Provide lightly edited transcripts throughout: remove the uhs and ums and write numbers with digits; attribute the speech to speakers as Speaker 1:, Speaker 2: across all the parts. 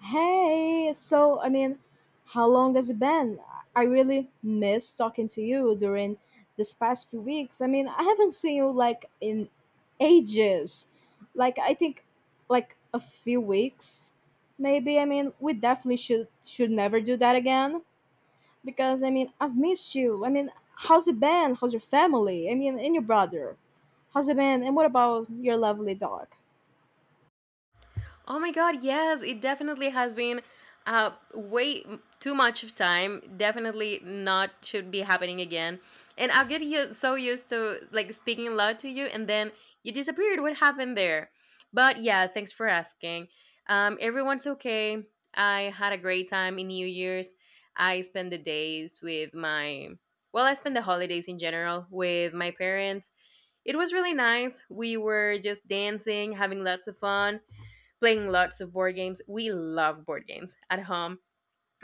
Speaker 1: Hey, so I mean, how long has it been? I really miss talking to you during this past few weeks. I mean, I haven't seen you like in ages. Like I think like a few weeks maybe. I mean, we definitely should never do that again because I mean, I've missed you. I mean, how's it been? How's your family? I mean, and your brother. How's it been? And what about your lovely dog?
Speaker 2: Oh my god, yes, it definitely has been way too much of time. Definitely not should be happening again. And I get you so used to like speaking loud to you, and then you disappeared. What happened there? But yeah, thanks for asking. Everyone's okay. I had a great time in New Year's. I spent the days with my well, I spent the holidays in general with my parents. It was really nice. We were just dancing, having lots of fun playing lots of board games. We love board games at home.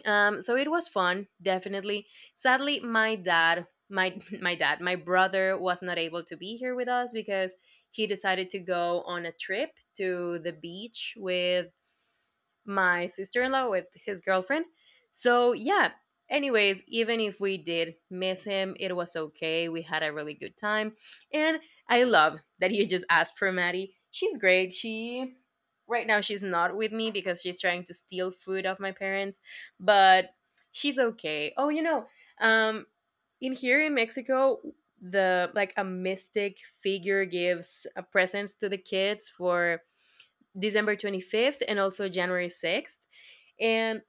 Speaker 2: So it was fun, definitely. Sadly, my dad, my my brother was not able to be here with us because he decided to go on a trip to the beach with my sister-in-law, with his girlfriend. So yeah, anyways, even if we did miss him, it was okay. We had a really good time. And I love that you just asked for Maddie. She's great. She Right now she's not with me because she's trying to steal food off my parents, but she's okay. Oh, you know, um in here in Mexico, the like a mystic figure gives a presents to the kids for December 25th and also January 6th. And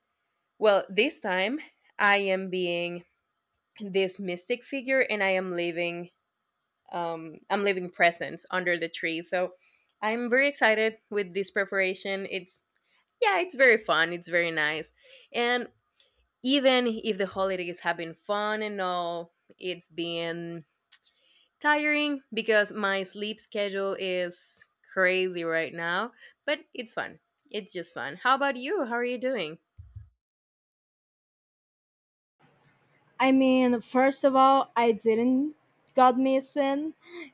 Speaker 2: well, this time I am being this mystic figure and I am leaving I'm leaving presents under the tree. So I'm very excited with this preparation. It's yeah, it's very fun, it's very nice. And even if the holidays have been fun and all, it's been tiring because my sleep schedule is crazy right now, but it's fun. It's just fun. How about you? How are you doing?
Speaker 1: I mean, first of all, I didn't got me a sin.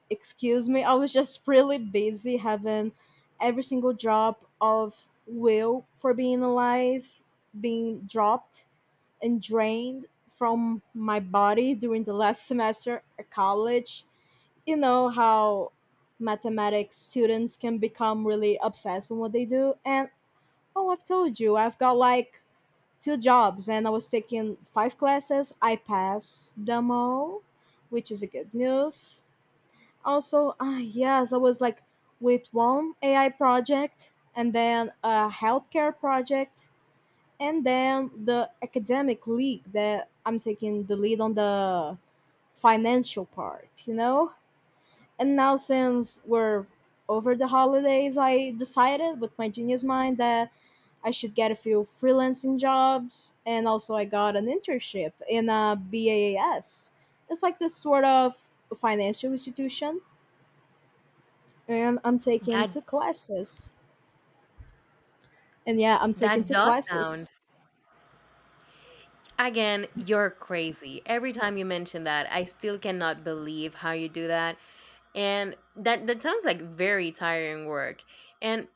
Speaker 1: Excuse me. I was just really busy having every single drop of will for being alive being dropped and drained from my body during the last semester at college. You know how mathematics students can become really obsessed with what they do and oh, I've told you, I've got like two jobs and I was taking five classes. I passed them all, which is a good news. Also, ah yes, I was like with one AI project and then a healthcare project and then the academic league that I'm taking the lead on the financial part, you know? And now since we're over the holidays, I decided with my genius mind that I should get a few freelancing jobs, and also I got an internship in a BAS. It's like this sort of financial institution, and I'm taking
Speaker 2: That
Speaker 1: two classes. And yeah, I'm taking
Speaker 2: that
Speaker 1: two
Speaker 2: does sound.
Speaker 1: classes.
Speaker 2: Again, you're crazy. Every time you mention that, I still cannot believe how you do that. And that sounds like very tiring work. And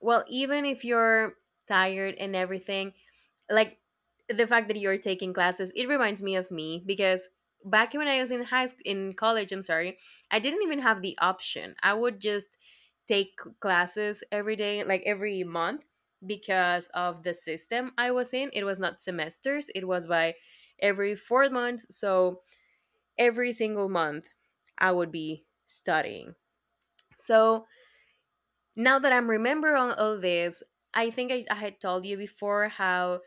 Speaker 2: well, even if you're tired and everything, like the fact that you're taking classes, it reminds me of me because back when I was in high school in college, I'm sorry, I didn't even have the option. I would just take classes every day, like every month, because of the system I was in. It was not semesters, it was by every 4 months. So every single month I would be studying. So now that I'm remembering all this, I think I had told you before how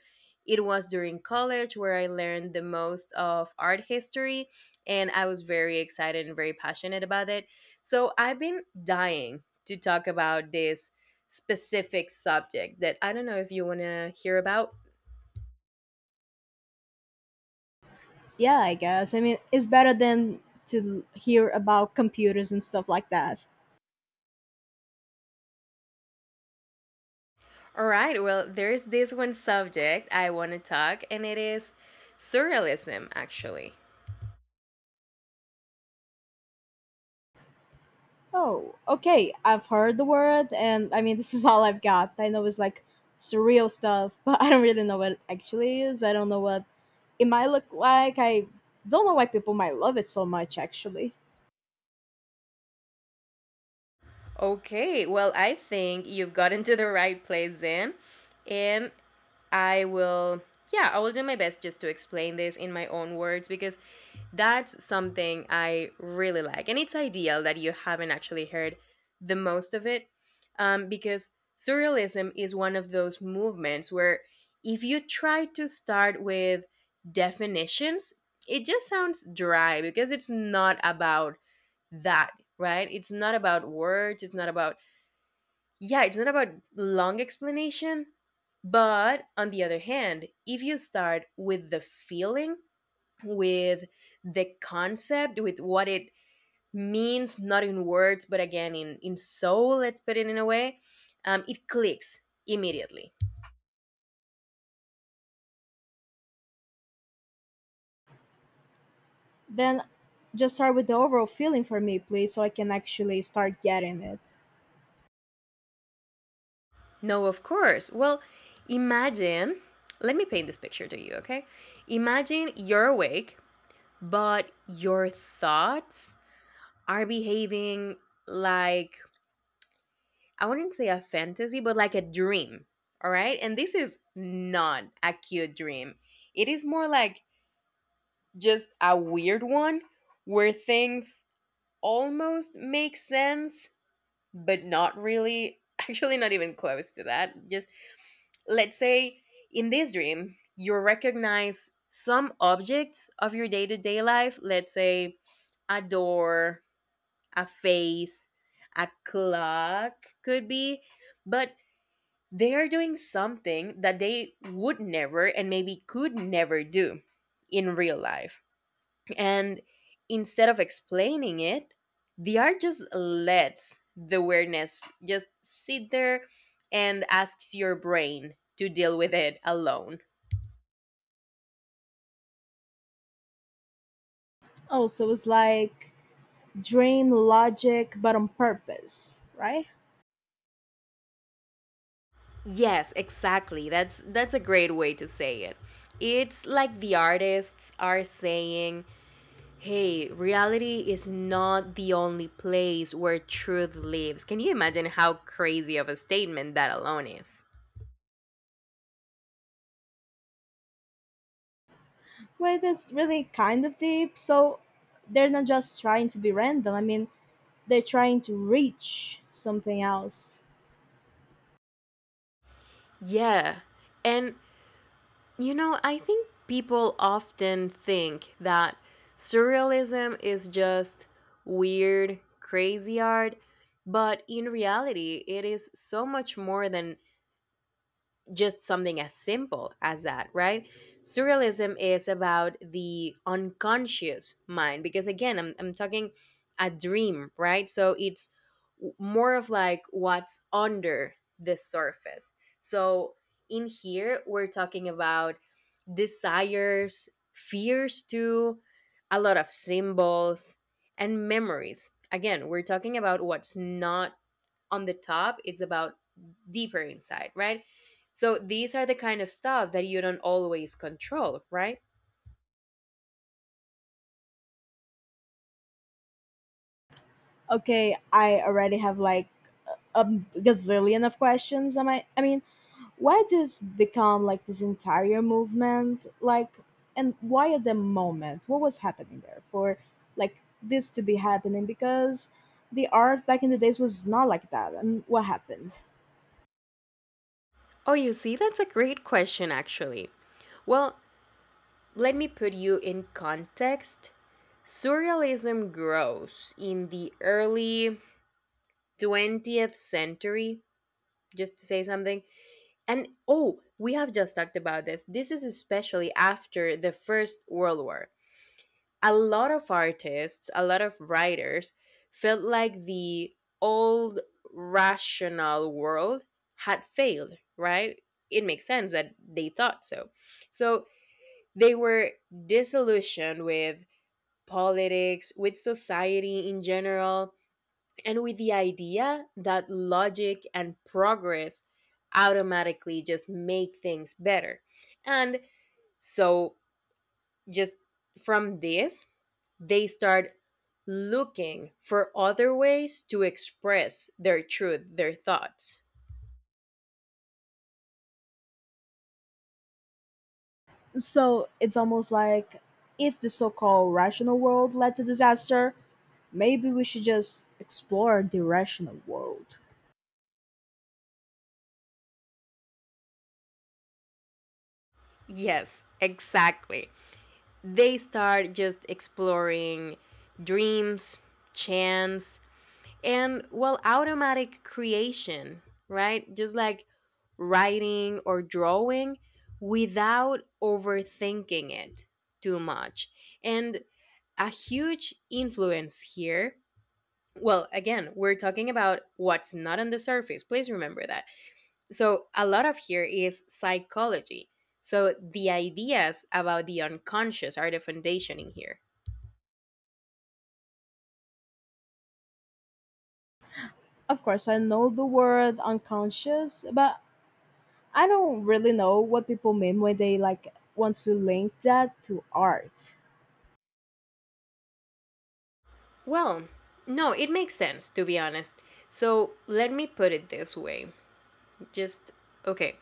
Speaker 2: it was during college where I learned the most of art history, and I was very excited and very passionate about it. So I've been dying to talk about this specific subject that I don't know if you want to hear about.
Speaker 1: Yeah, I guess. I mean, it's better than to hear about computers and stuff like that.
Speaker 2: All right, well, there's this one subject I want to talk, and it is surrealism, actually.
Speaker 1: Oh, okay. I've heard the word, and I mean, this is all I've got. I know it's like surreal stuff, but I don't really know what it actually is. I don't know what it might look like. I don't know why people might love it so much, actually.
Speaker 2: Okay, well, I think you've gotten to the right place then. And I will, yeah, I will do my best just to explain this in my own words because that's something I really like. And it's ideal that you haven't actually heard the most of it, because surrealism is one of those movements where if you try to start with definitions, it just sounds dry because it's not about that, right? It's not about words, it's not about yeah, it's not about long explanation. But on the other hand, if you start with the feeling, with the concept, with what it means, not in words, but again in, soul, let's put it in a way, it clicks immediately.
Speaker 1: Then just start with the overall feeling for me, please, so I can actually start getting it.
Speaker 2: No, of course. Well, imagine, let me paint this picture to you, okay? Imagine you're awake, but your thoughts are behaving like, I wouldn't say a fantasy, but like a dream. All right. And this is not a cute dream. It is more like just a weird one where things almost make sense, but not really. Actually, not even close to that. Just let's say in this dream, you recognize some objects of your day to day life. Let's say a door, a face, a clock could be, but they are doing something that they would never and maybe could never do in real life. And instead of explaining it, the art just lets the awareness just sit there and asks your brain to deal with it alone.
Speaker 1: Oh, so it's like dream logic, but on purpose, right?
Speaker 2: Yes, exactly. That's a great way to say it. It's like the artists are saying, hey, reality is not the only place where truth lives. Can you imagine how crazy of a statement that alone is?
Speaker 1: Well, that's really kind of deep. So they're not just trying to be random. I mean, they're trying to reach something else.
Speaker 2: Yeah. And, you know, I think people often think that surrealism is just weird, crazy art, but in reality, it is so much more than just something as simple as that, right? Surrealism is about the unconscious mind because, again, I'm talking a dream, right? So it's more of like what's under the surface. So in here, we're talking about desires, fears, too, a lot of symbols, and memories. Again, we're talking about what's not on the top. It's about deeper inside, right? So these are the kind of stuff that you don't always control, right?
Speaker 1: Okay, I already have like a gazillion of questions. Am I? I mean, why this become like this entire movement? Like, and why at the moment? What was happening there for like this to be happening? Because the art back in the days was not like that. And what happened?
Speaker 2: Oh, you see, that's a great question actually. Well, let me put you in context. Surrealism grows in the early 20th century, just to say something. And oh, we have just talked about this. This is especially after the first world war. A lot of artists, a lot of writers felt like the old rational world had failed, right? It makes sense that they thought so. So they were disillusioned with politics, with society in general, and with the idea that logic and progress automatically just make things better. And so, just from this, they start looking for other ways to express their truth, their thoughts.
Speaker 1: So it's almost like if the so called rational world led to disaster, maybe we should just explore the irrational world.
Speaker 2: Yes, exactly. They start just exploring dreams, chance, and well, automatic creation, right? Just like writing or drawing without overthinking it too much. And a huge influence here, well, again, we're talking about what's not on the surface. Please remember that. So, a lot of here is psychology. So, the ideas about the unconscious are the foundation in here.
Speaker 1: Of course, I know the word unconscious, but I don't really know what people mean when they like want to link that to art.
Speaker 2: Well, no, it makes sense, to be honest. So, let me put it this way. Just, okay.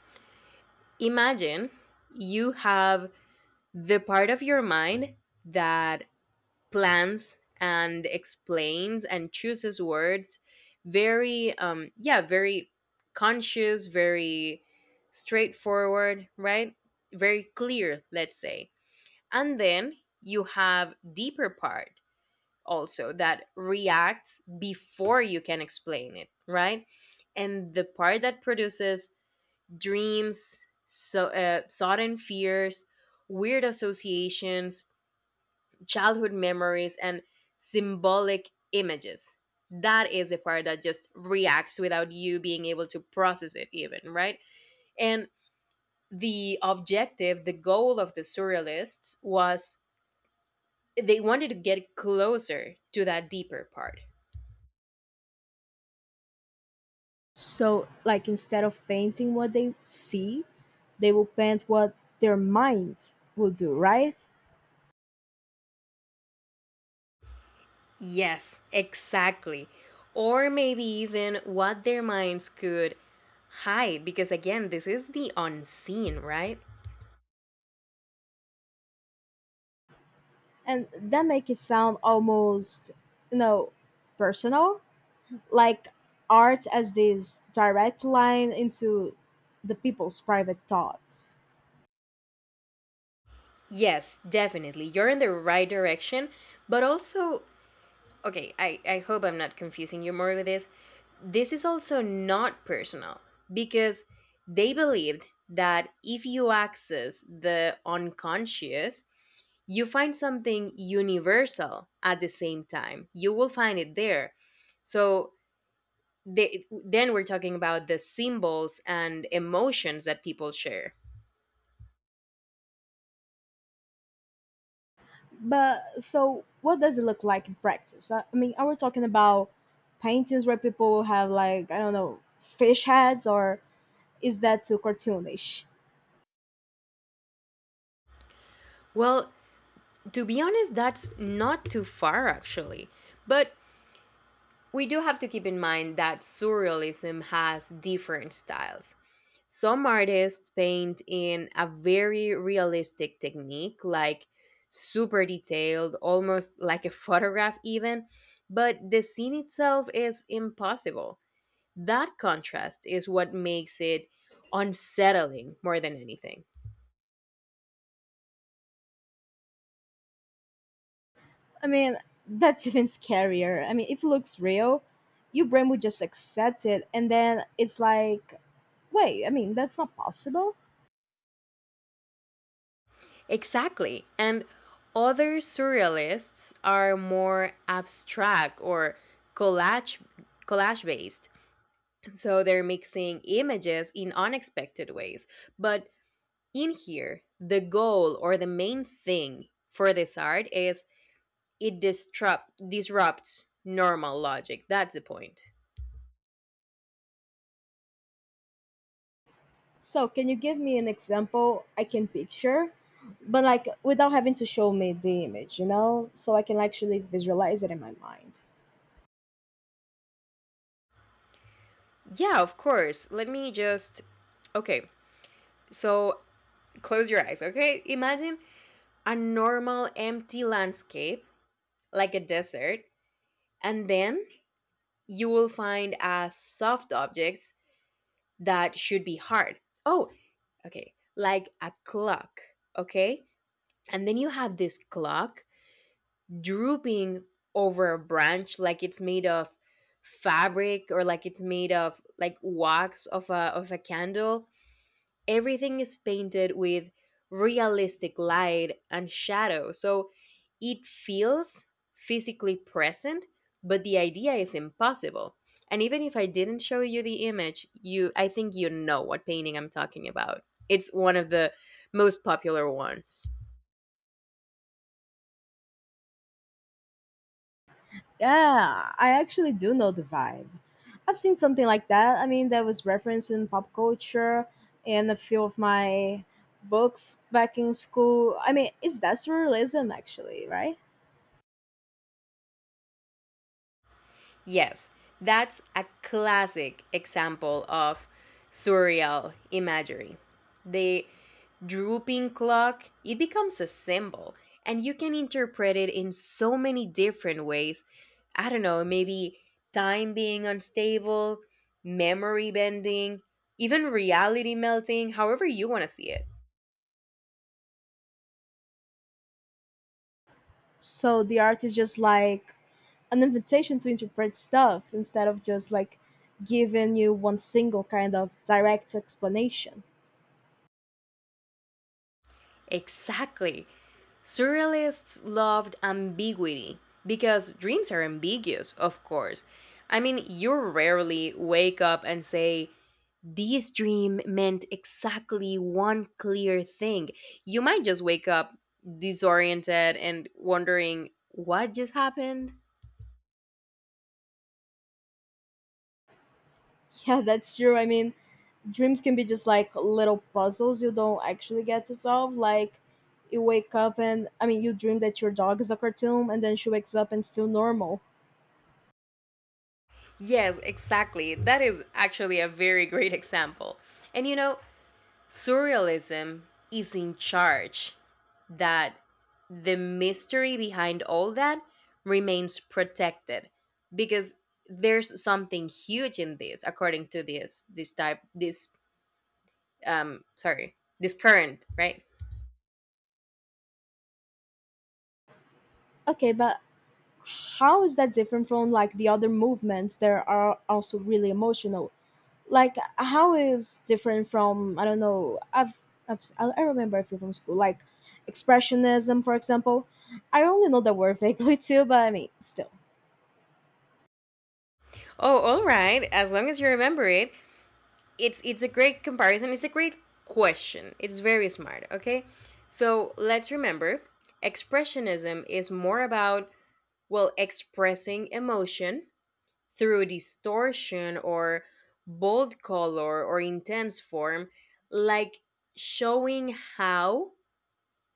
Speaker 2: Imagine you have the part of your mind that plans and explains and chooses words, very yeah, very conscious, very straightforward, right? Very clear, let's say. And then you have deeper part also that reacts before you can explain it, right? And the part that produces dreams, so sudden fears, weird associations, childhood memories, and symbolic images. That is the part that just reacts without you being able to process it, even, right? And the objective, the goal of the surrealists was they wanted to get closer to that deeper part.
Speaker 1: So, like, instead of painting what they see, they will paint what their minds will do, right?
Speaker 2: Yes, exactly. Or maybe even what their minds could hide, because again, this is the unseen, right?
Speaker 1: And that make it sound almost, you know, personal like art as this direct line into the people's private thoughts.
Speaker 2: Yes, definitely. You're in the right direction, but also okay, I hope I'm not confusing you more with this. This is also not personal because they believed that if you access the unconscious, you find something universal at the same time. You will find it there. So they, then we're talking about the symbols and emotions that people share.
Speaker 1: But so, what does it look like in practice? I mean, are we talking about paintings where people have like I don't know fish heads, or is that too cartoonish?
Speaker 2: Well, to be honest, that's not too far actually. But we do have to keep in mind that surrealism has different styles. Some artists paint in a very realistic technique, like super detailed, almost like a photograph, even, but the scene itself is impossible. That contrast is what makes it unsettling more than anything.
Speaker 1: I mean, that's even scarier. I mean, if it looks real, your brain would just accept it, and then it's like, wait, I mean, that's not possible.
Speaker 2: Exactly. And other surrealists are more abstract or collage collage based. So they're mixing images in unexpected ways. But in here, the goal or the main thing for this art is it disrupts normal logic. That's the point.
Speaker 1: So, can you give me an example I can picture, but like without having to show me the image, so I can actually visualize it in my mind?
Speaker 2: Yeah, of course. Let me just, okay. So close your eyes, okay? Imagine a normal empty landscape, like a desert, and then you will find a soft objects that should be hard. Oh, okay, like a clock, okay, and then you have this clock drooping over a branch like it's made of fabric, or like it's made of like wax of a candle. Everything is painted with realistic light and shadow. So it feels physically present, but the idea is impossible. And even if I didn't show you the image, you I think you know what painting I'm talking about. It's one of the most popular ones.
Speaker 1: Yeah, I actually do know the vibe. I've seen something like that. I mean, that was referenced in pop culture and a few of my books back in school. I mean, it's that's realism, actually, right?
Speaker 2: Yes, that's a classic example of surreal imagery. The drooping clock, it becomes a symbol, and you can interpret it in so many different ways. I don't know, maybe time being unstable, memory bending, even reality melting, however you want to see it.
Speaker 1: So the art is just like an invitation to interpret stuff instead of just like giving you one single kind of direct explanation.
Speaker 2: Exactly. Surrealists loved ambiguity because dreams are ambiguous, of course. I mean, you rarely wake up and say, this dream meant exactly one clear thing. You might just wake up disoriented and wondering what just happened.
Speaker 1: Yeah, that's true. I mean, dreams can be just like little puzzles you don't actually get to solve. Like, you wake up and, I mean, you dream that your dog is a cartoon and then she wakes up and it's still normal.
Speaker 2: Yes, exactly. That is actually a very great example. And you know, surrealism is in charge that the mystery behind all that remains protected because there's something huge in this according to this this type this sorry this current, right?
Speaker 1: Okay, but how is that different from like the other movements that are also really emotional? Like how is different from I don't know I remember a few from school like expressionism for example I only know the word vaguely too but I mean still.
Speaker 2: Oh, all right. As long as you remember it, it's a great comparison. It's a great question. It's very smart, okay? So, let's remember, expressionism is more about, well, expressing emotion through distortion or bold color or intense form, like showing how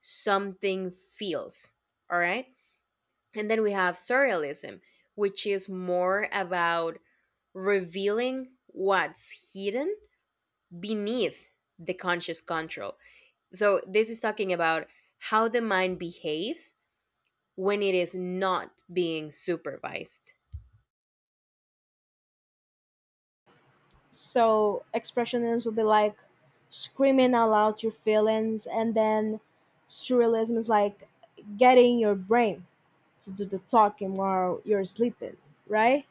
Speaker 2: something feels, all right? And then we have surrealism, which is more about revealing what's hidden beneath the conscious control. So, this is talking about how the mind behaves when it is not being supervised.
Speaker 1: So expressionists would be like screaming out loud your feelings and then surrealism is like getting your brain to do the talking while you're sleeping, right?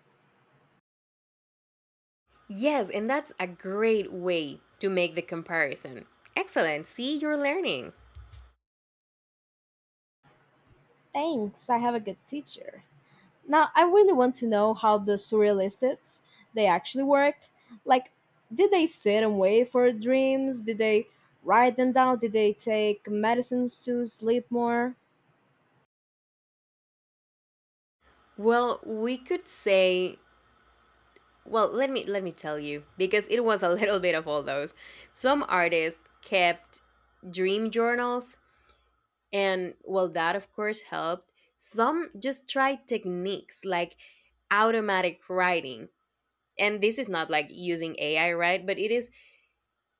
Speaker 2: Yes, and that's a great way to make the comparison. Excellent. See, you're learning.
Speaker 1: Thanks, I have a good teacher. Now, I really want to know how the surrealists they actually worked. Like, did they sit and wait for dreams? Did they write them down? Did they take medicines to sleep more?
Speaker 2: Well, we could say Well, let me tell you, because it was a little bit of all those. Some artists kept dream journals, and well, that of course helped. Some just tried techniques like automatic writing. And this is not like using AI, right? But it is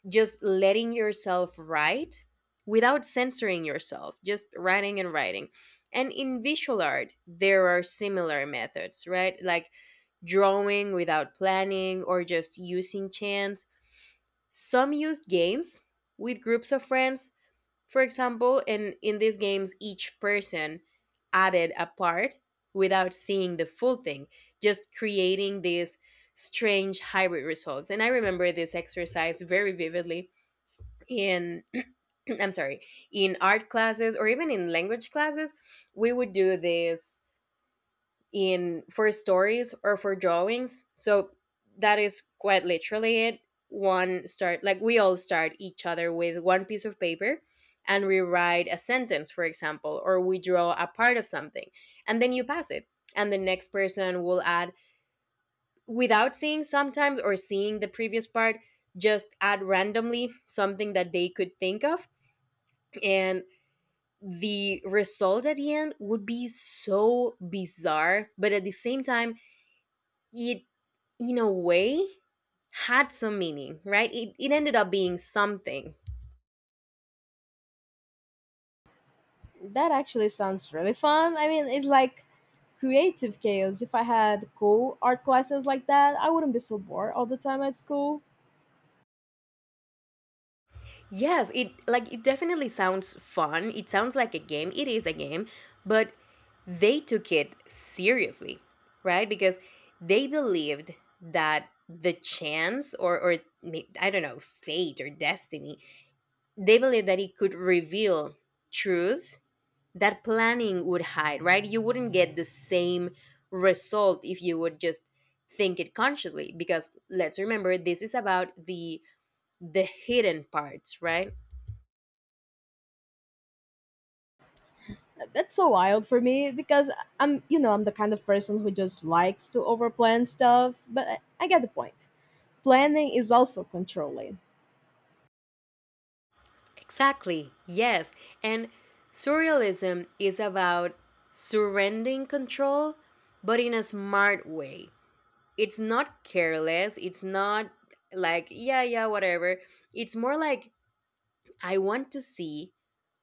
Speaker 2: just letting yourself write without censoring yourself, just writing and writing. And in visual art, there are similar methods, right? Like drawing without planning, or just using chance. Some use games with groups of friends, for example, and in these games, each person added a part without seeing the full thing, just creating these strange hybrid results. And I remember this exercise very vividly in I'm sorry, in art classes or even in language classes, we would do this in for stories or for drawings. So that is quite literally it. One start like We all start each other with one piece of paper and we write a sentence, for example, or we draw a part of something, and then you pass it. And the next person will add without seeing sometimes, or seeing the previous part, just add randomly something that they could think of. And the result at the end would be so bizarre, but at the same time, it, in a way, had some meaning, right? It ended up being something.
Speaker 1: That actually sounds really fun. I mean, it's like creative chaos. If I had cool art classes like that, I wouldn't be so bored all the time at school.
Speaker 2: Yes, it, like it definitely sounds fun, it sounds like a game, it is a game, but they took it seriously, right? Because they believed that the chance, or I don't know, fate or destiny, they believed that it could reveal truths that planning would hide, right? You wouldn't get the same result if you would just think it consciously, because let's remember, this is about the hidden parts, right?
Speaker 1: That's so wild for me because I'm the kind of person who just likes to overplan stuff, but I get the point. Planning is also controlling.
Speaker 2: Exactly. Yes. And surrealism is about surrendering control, but in a smart way. It's not careless, it's not like, yeah, yeah, whatever. It's more like, I want to see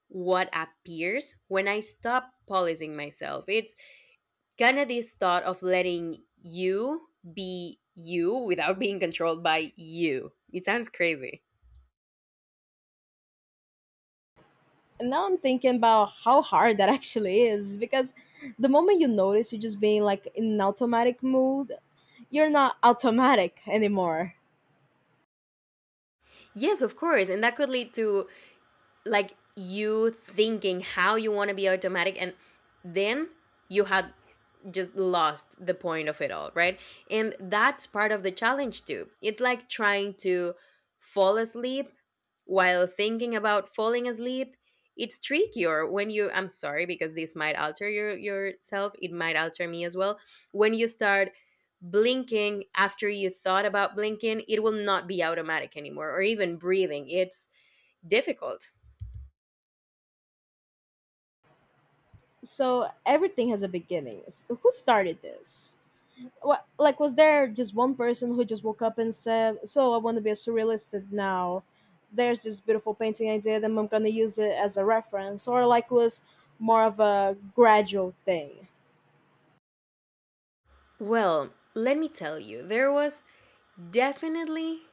Speaker 2: what appears when I stop policing myself. It's kind of this thought of letting you be you without being controlled by you. It sounds crazy.
Speaker 1: And now I'm thinking about how hard that actually is because the moment you notice you're just being like in an automatic mode, you're not automatic anymore.
Speaker 2: Yes, of course. And that could lead to, like, you thinking how you want to be automatic, and then you had just lost the point of it all, right? And that's part of the challenge too. It's like trying to fall asleep while thinking about falling asleep. It's trickier when you— I'm sorry, because this might alter your yourself, it might alter me as well. When you start blinking after you thought about blinking, it will not be automatic anymore, or even breathing. It's difficult.
Speaker 1: So everything has a beginning. Who started this? What, like, was there just one person who just woke up and said, so I want to be a surrealist now? There's this beautiful painting I did and I'm going to use it as a reference. Or, like, was more of a gradual thing?
Speaker 2: Well, let me tell you, there was definitely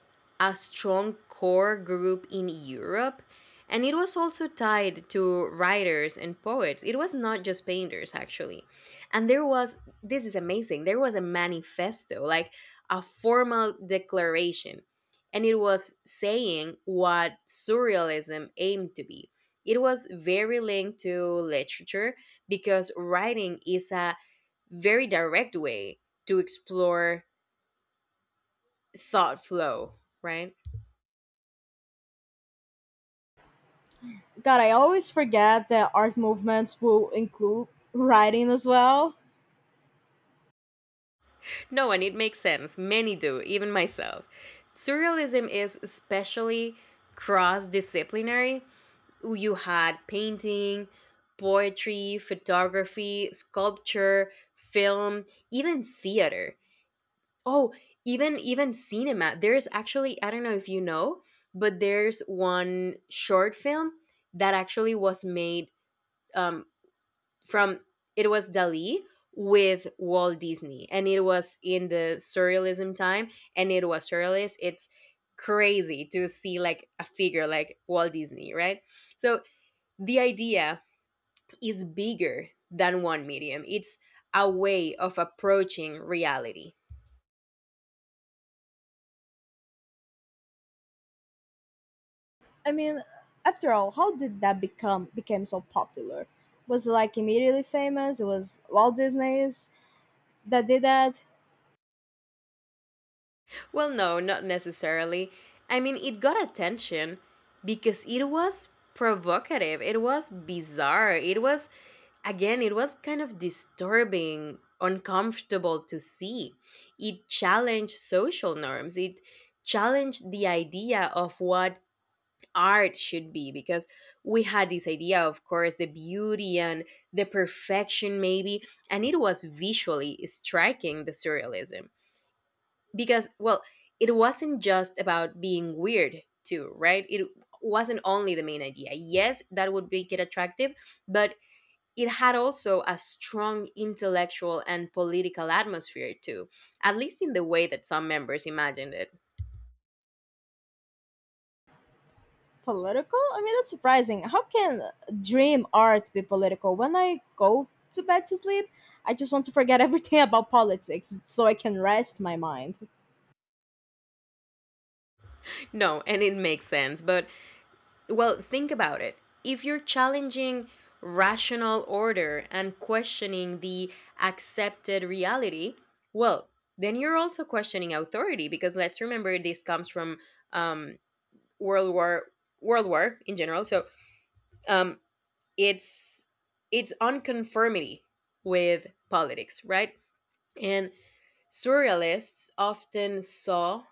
Speaker 2: a strong core group in Europe. And it was also tied to writers and poets. It was not just painters, actually. And there was, this is amazing, there was a manifesto, like a formal declaration. And it was saying what surrealism aimed to be. It was very linked to literature because writing is a very direct way to explore thought flow, right?
Speaker 1: God, I always forget that art movements will include writing as well.
Speaker 2: No, and it makes sense. Many do, even myself. Surrealism is especially cross disciplinary. You had painting, poetry, photography, sculpture, film, even theater. Oh, even cinema. There's actually, I don't know if you know, but there's one short film that actually was made um, from— it was Dali with Walt Disney, and it was in the surrealism time, and it was surrealist. It's crazy to see like a figure like Walt Disney, right? So the idea is bigger than one medium. It's a way of approaching reality.
Speaker 1: I mean, after all, how did that become became so popular? Was it like immediately famous? It was Walt Disney's that did that.
Speaker 2: Well, no, not necessarily. I mean, it got attention because it was provocative, it was bizarre, it was, again, it was kind of disturbing, uncomfortable to see. It challenged social norms, it challenged the idea of what art should be, because we had this idea of course, the beauty and the perfection maybe, and it was visually striking, the surrealism, because, well, it wasn't just about being weird too, right? It wasn't only the main idea, yes that would make it attractive, but it had also a strong intellectual and political atmosphere too, at least in the way that some members imagined it.
Speaker 1: Political? I mean, that's surprising. How can dream art be political? When I go to bed to sleep, I just want to forget everything about politics so I can rest my mind.
Speaker 2: No, and it makes sense, but well, think about it. If you're challenging rational order and questioning the accepted reality, well, then you're also questioning authority, because let's remember, this comes from um, World War, World War in general. So um, it's it's unconformity with politics, right? And surrealists often saw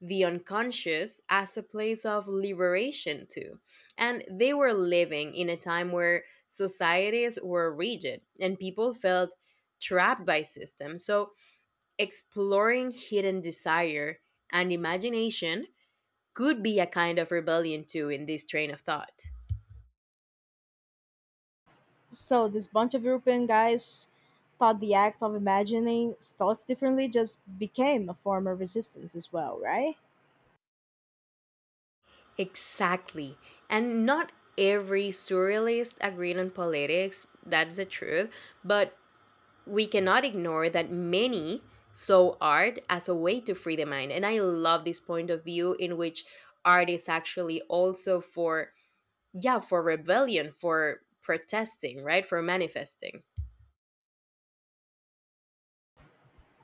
Speaker 2: the unconscious as a place of liberation too. And they were living in a time where societies were rigid and people felt trapped by systems. So exploring hidden desire and imagination could be a kind of rebellion too, in this train of thought.
Speaker 1: So this bunch of European guys thought the act of imagining stuff differently just became a form of resistance as well, right?
Speaker 2: Exactly. And not every surrealist agreed on politics, that's the truth, but we cannot ignore that many saw art as a way to free the mind. And I love this point of view, in which art is actually also for, yeah, for rebellion, for protesting, right? For manifesting.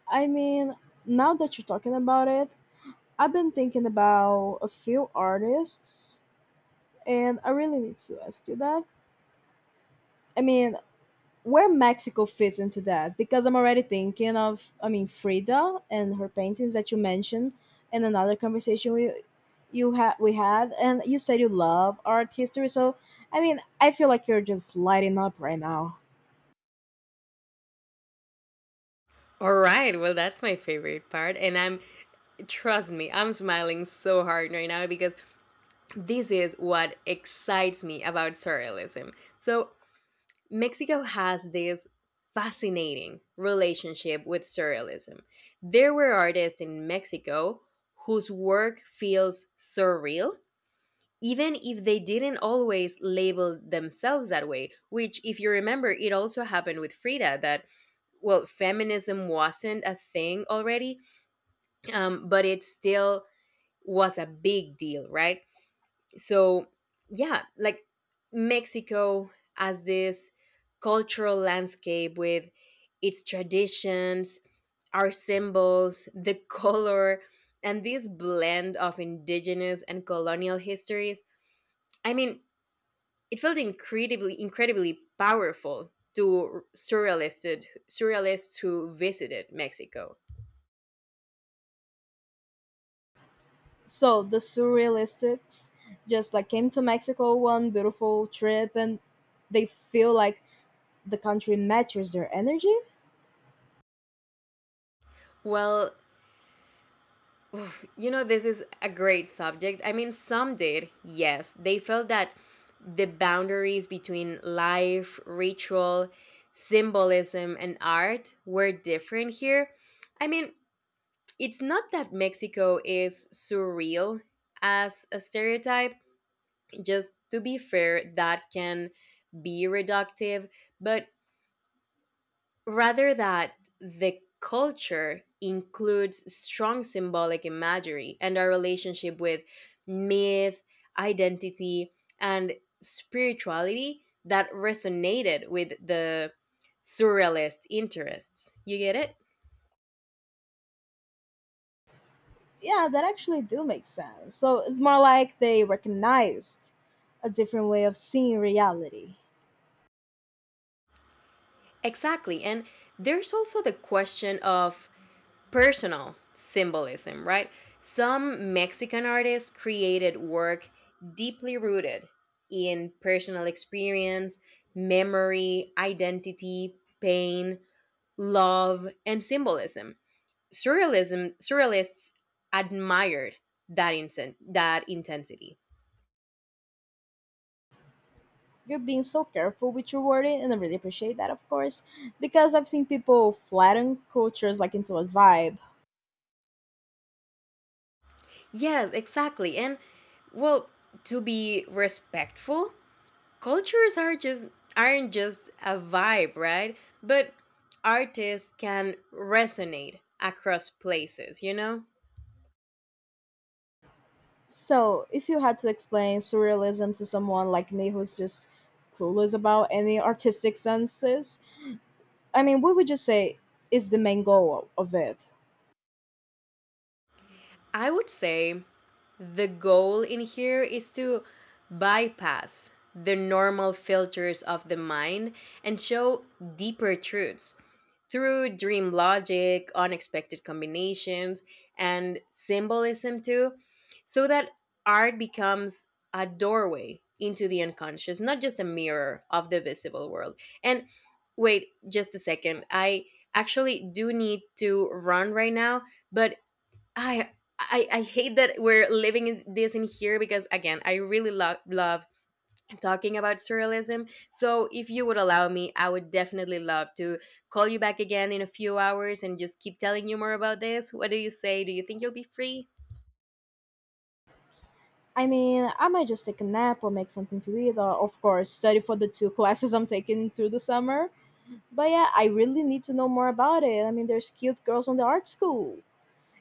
Speaker 1: I mean, now that you're talking about it, I've been thinking about a few artists, and I really need to ask you that. I mean, where Mexico fits into that because I'm already thinking of I mean Frida and her paintings that you mentioned in another conversation we had and you said you love art history so I mean I feel like you're just lighting up right now.
Speaker 2: All right. Well, that's my favorite part. And I'm, trust me, I'm smiling so hard right now because this is what excites me about surrealism. So Mexico has this fascinating relationship with surrealism. There were artists in Mexico whose work feels surreal, even if they didn't always label themselves that way, which, if you remember, it also happened with Frida, that, well, feminism wasn't a thing already, but it still was a big deal, right? So, yeah, like Mexico, as this cultural landscape with its traditions, our symbols, the color, and this blend of indigenous and colonial histories, I mean, it felt incredibly powerful to surrealists. Surrealists who visited Mexico—
Speaker 1: So the surrealists just like came to Mexico one beautiful trip and they feel like the country matches their energy.
Speaker 2: well, you know, this is a great subject. I mean, some did, yes. They felt that the boundaries between life, ritual, symbolism, and art were different here. I mean, it's not that Mexico is surreal as a stereotype. Just to be fair, that can be reductive, but rather that the culture includes strong symbolic imagery and our relationship with myth, identity, and spirituality that resonated with the surrealist interests. You get it?
Speaker 1: Yeah, that actually do make sense. So it's more like they recognized a different way of seeing reality.
Speaker 2: Exactly. And there's also the question of personal symbolism, right? Some Mexican artists created work deeply rooted in personal experience, memory, identity, pain, love, and symbolism. Surrealism surrealists admired that intensity.
Speaker 1: You're being so careful with your wording, and I really appreciate that, of course, because I've seen people flatten cultures like into a vibe.
Speaker 2: Yes, exactly. And, well, to be respectful, cultures are just— aren't just a vibe, right? But artists can resonate across places, you know?
Speaker 1: So if you had to explain surrealism to someone like me who's just clueless about any artistic senses, I mean, what would you say is the main goal of it?
Speaker 2: I would say the goal in here is to bypass the normal filters of the mind and show deeper truths through dream logic, unexpected combinations, and symbolism too, so that art becomes a doorway into the unconscious, not just a mirror of the visible world. And wait, just a second. I actually do need to run right now, but I I hate that we're living in this in here, because again, I really love talking about surrealism. So if you would allow me, I would definitely love to call you back again in a few hours and just keep telling you more about this. What do you say? Do you think you'll be free?
Speaker 1: I mean, I might just take a nap or make something to eat, or of course, study for the two classes I'm taking through the summer. But yeah, I really need to know more about it. I mean, there's cute girls on the art school,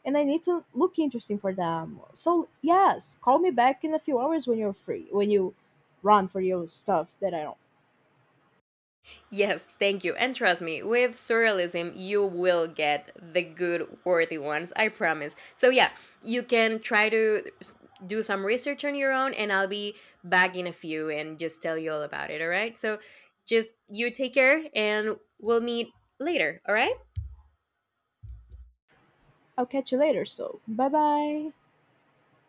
Speaker 1: and I need to look interesting for them. So, yes, call me back in a few hours when you're free, when you run for your stuff that I don't.
Speaker 2: Yes, thank you. And trust me, with surrealism, you will get the good, worthy ones, I promise. So, yeah, you can try to s- do some research on your own, and I'll be back in a few and just tell you all about it, all right? So, just you take care, and we'll meet later, all right?
Speaker 1: I'll catch you later, so bye bye.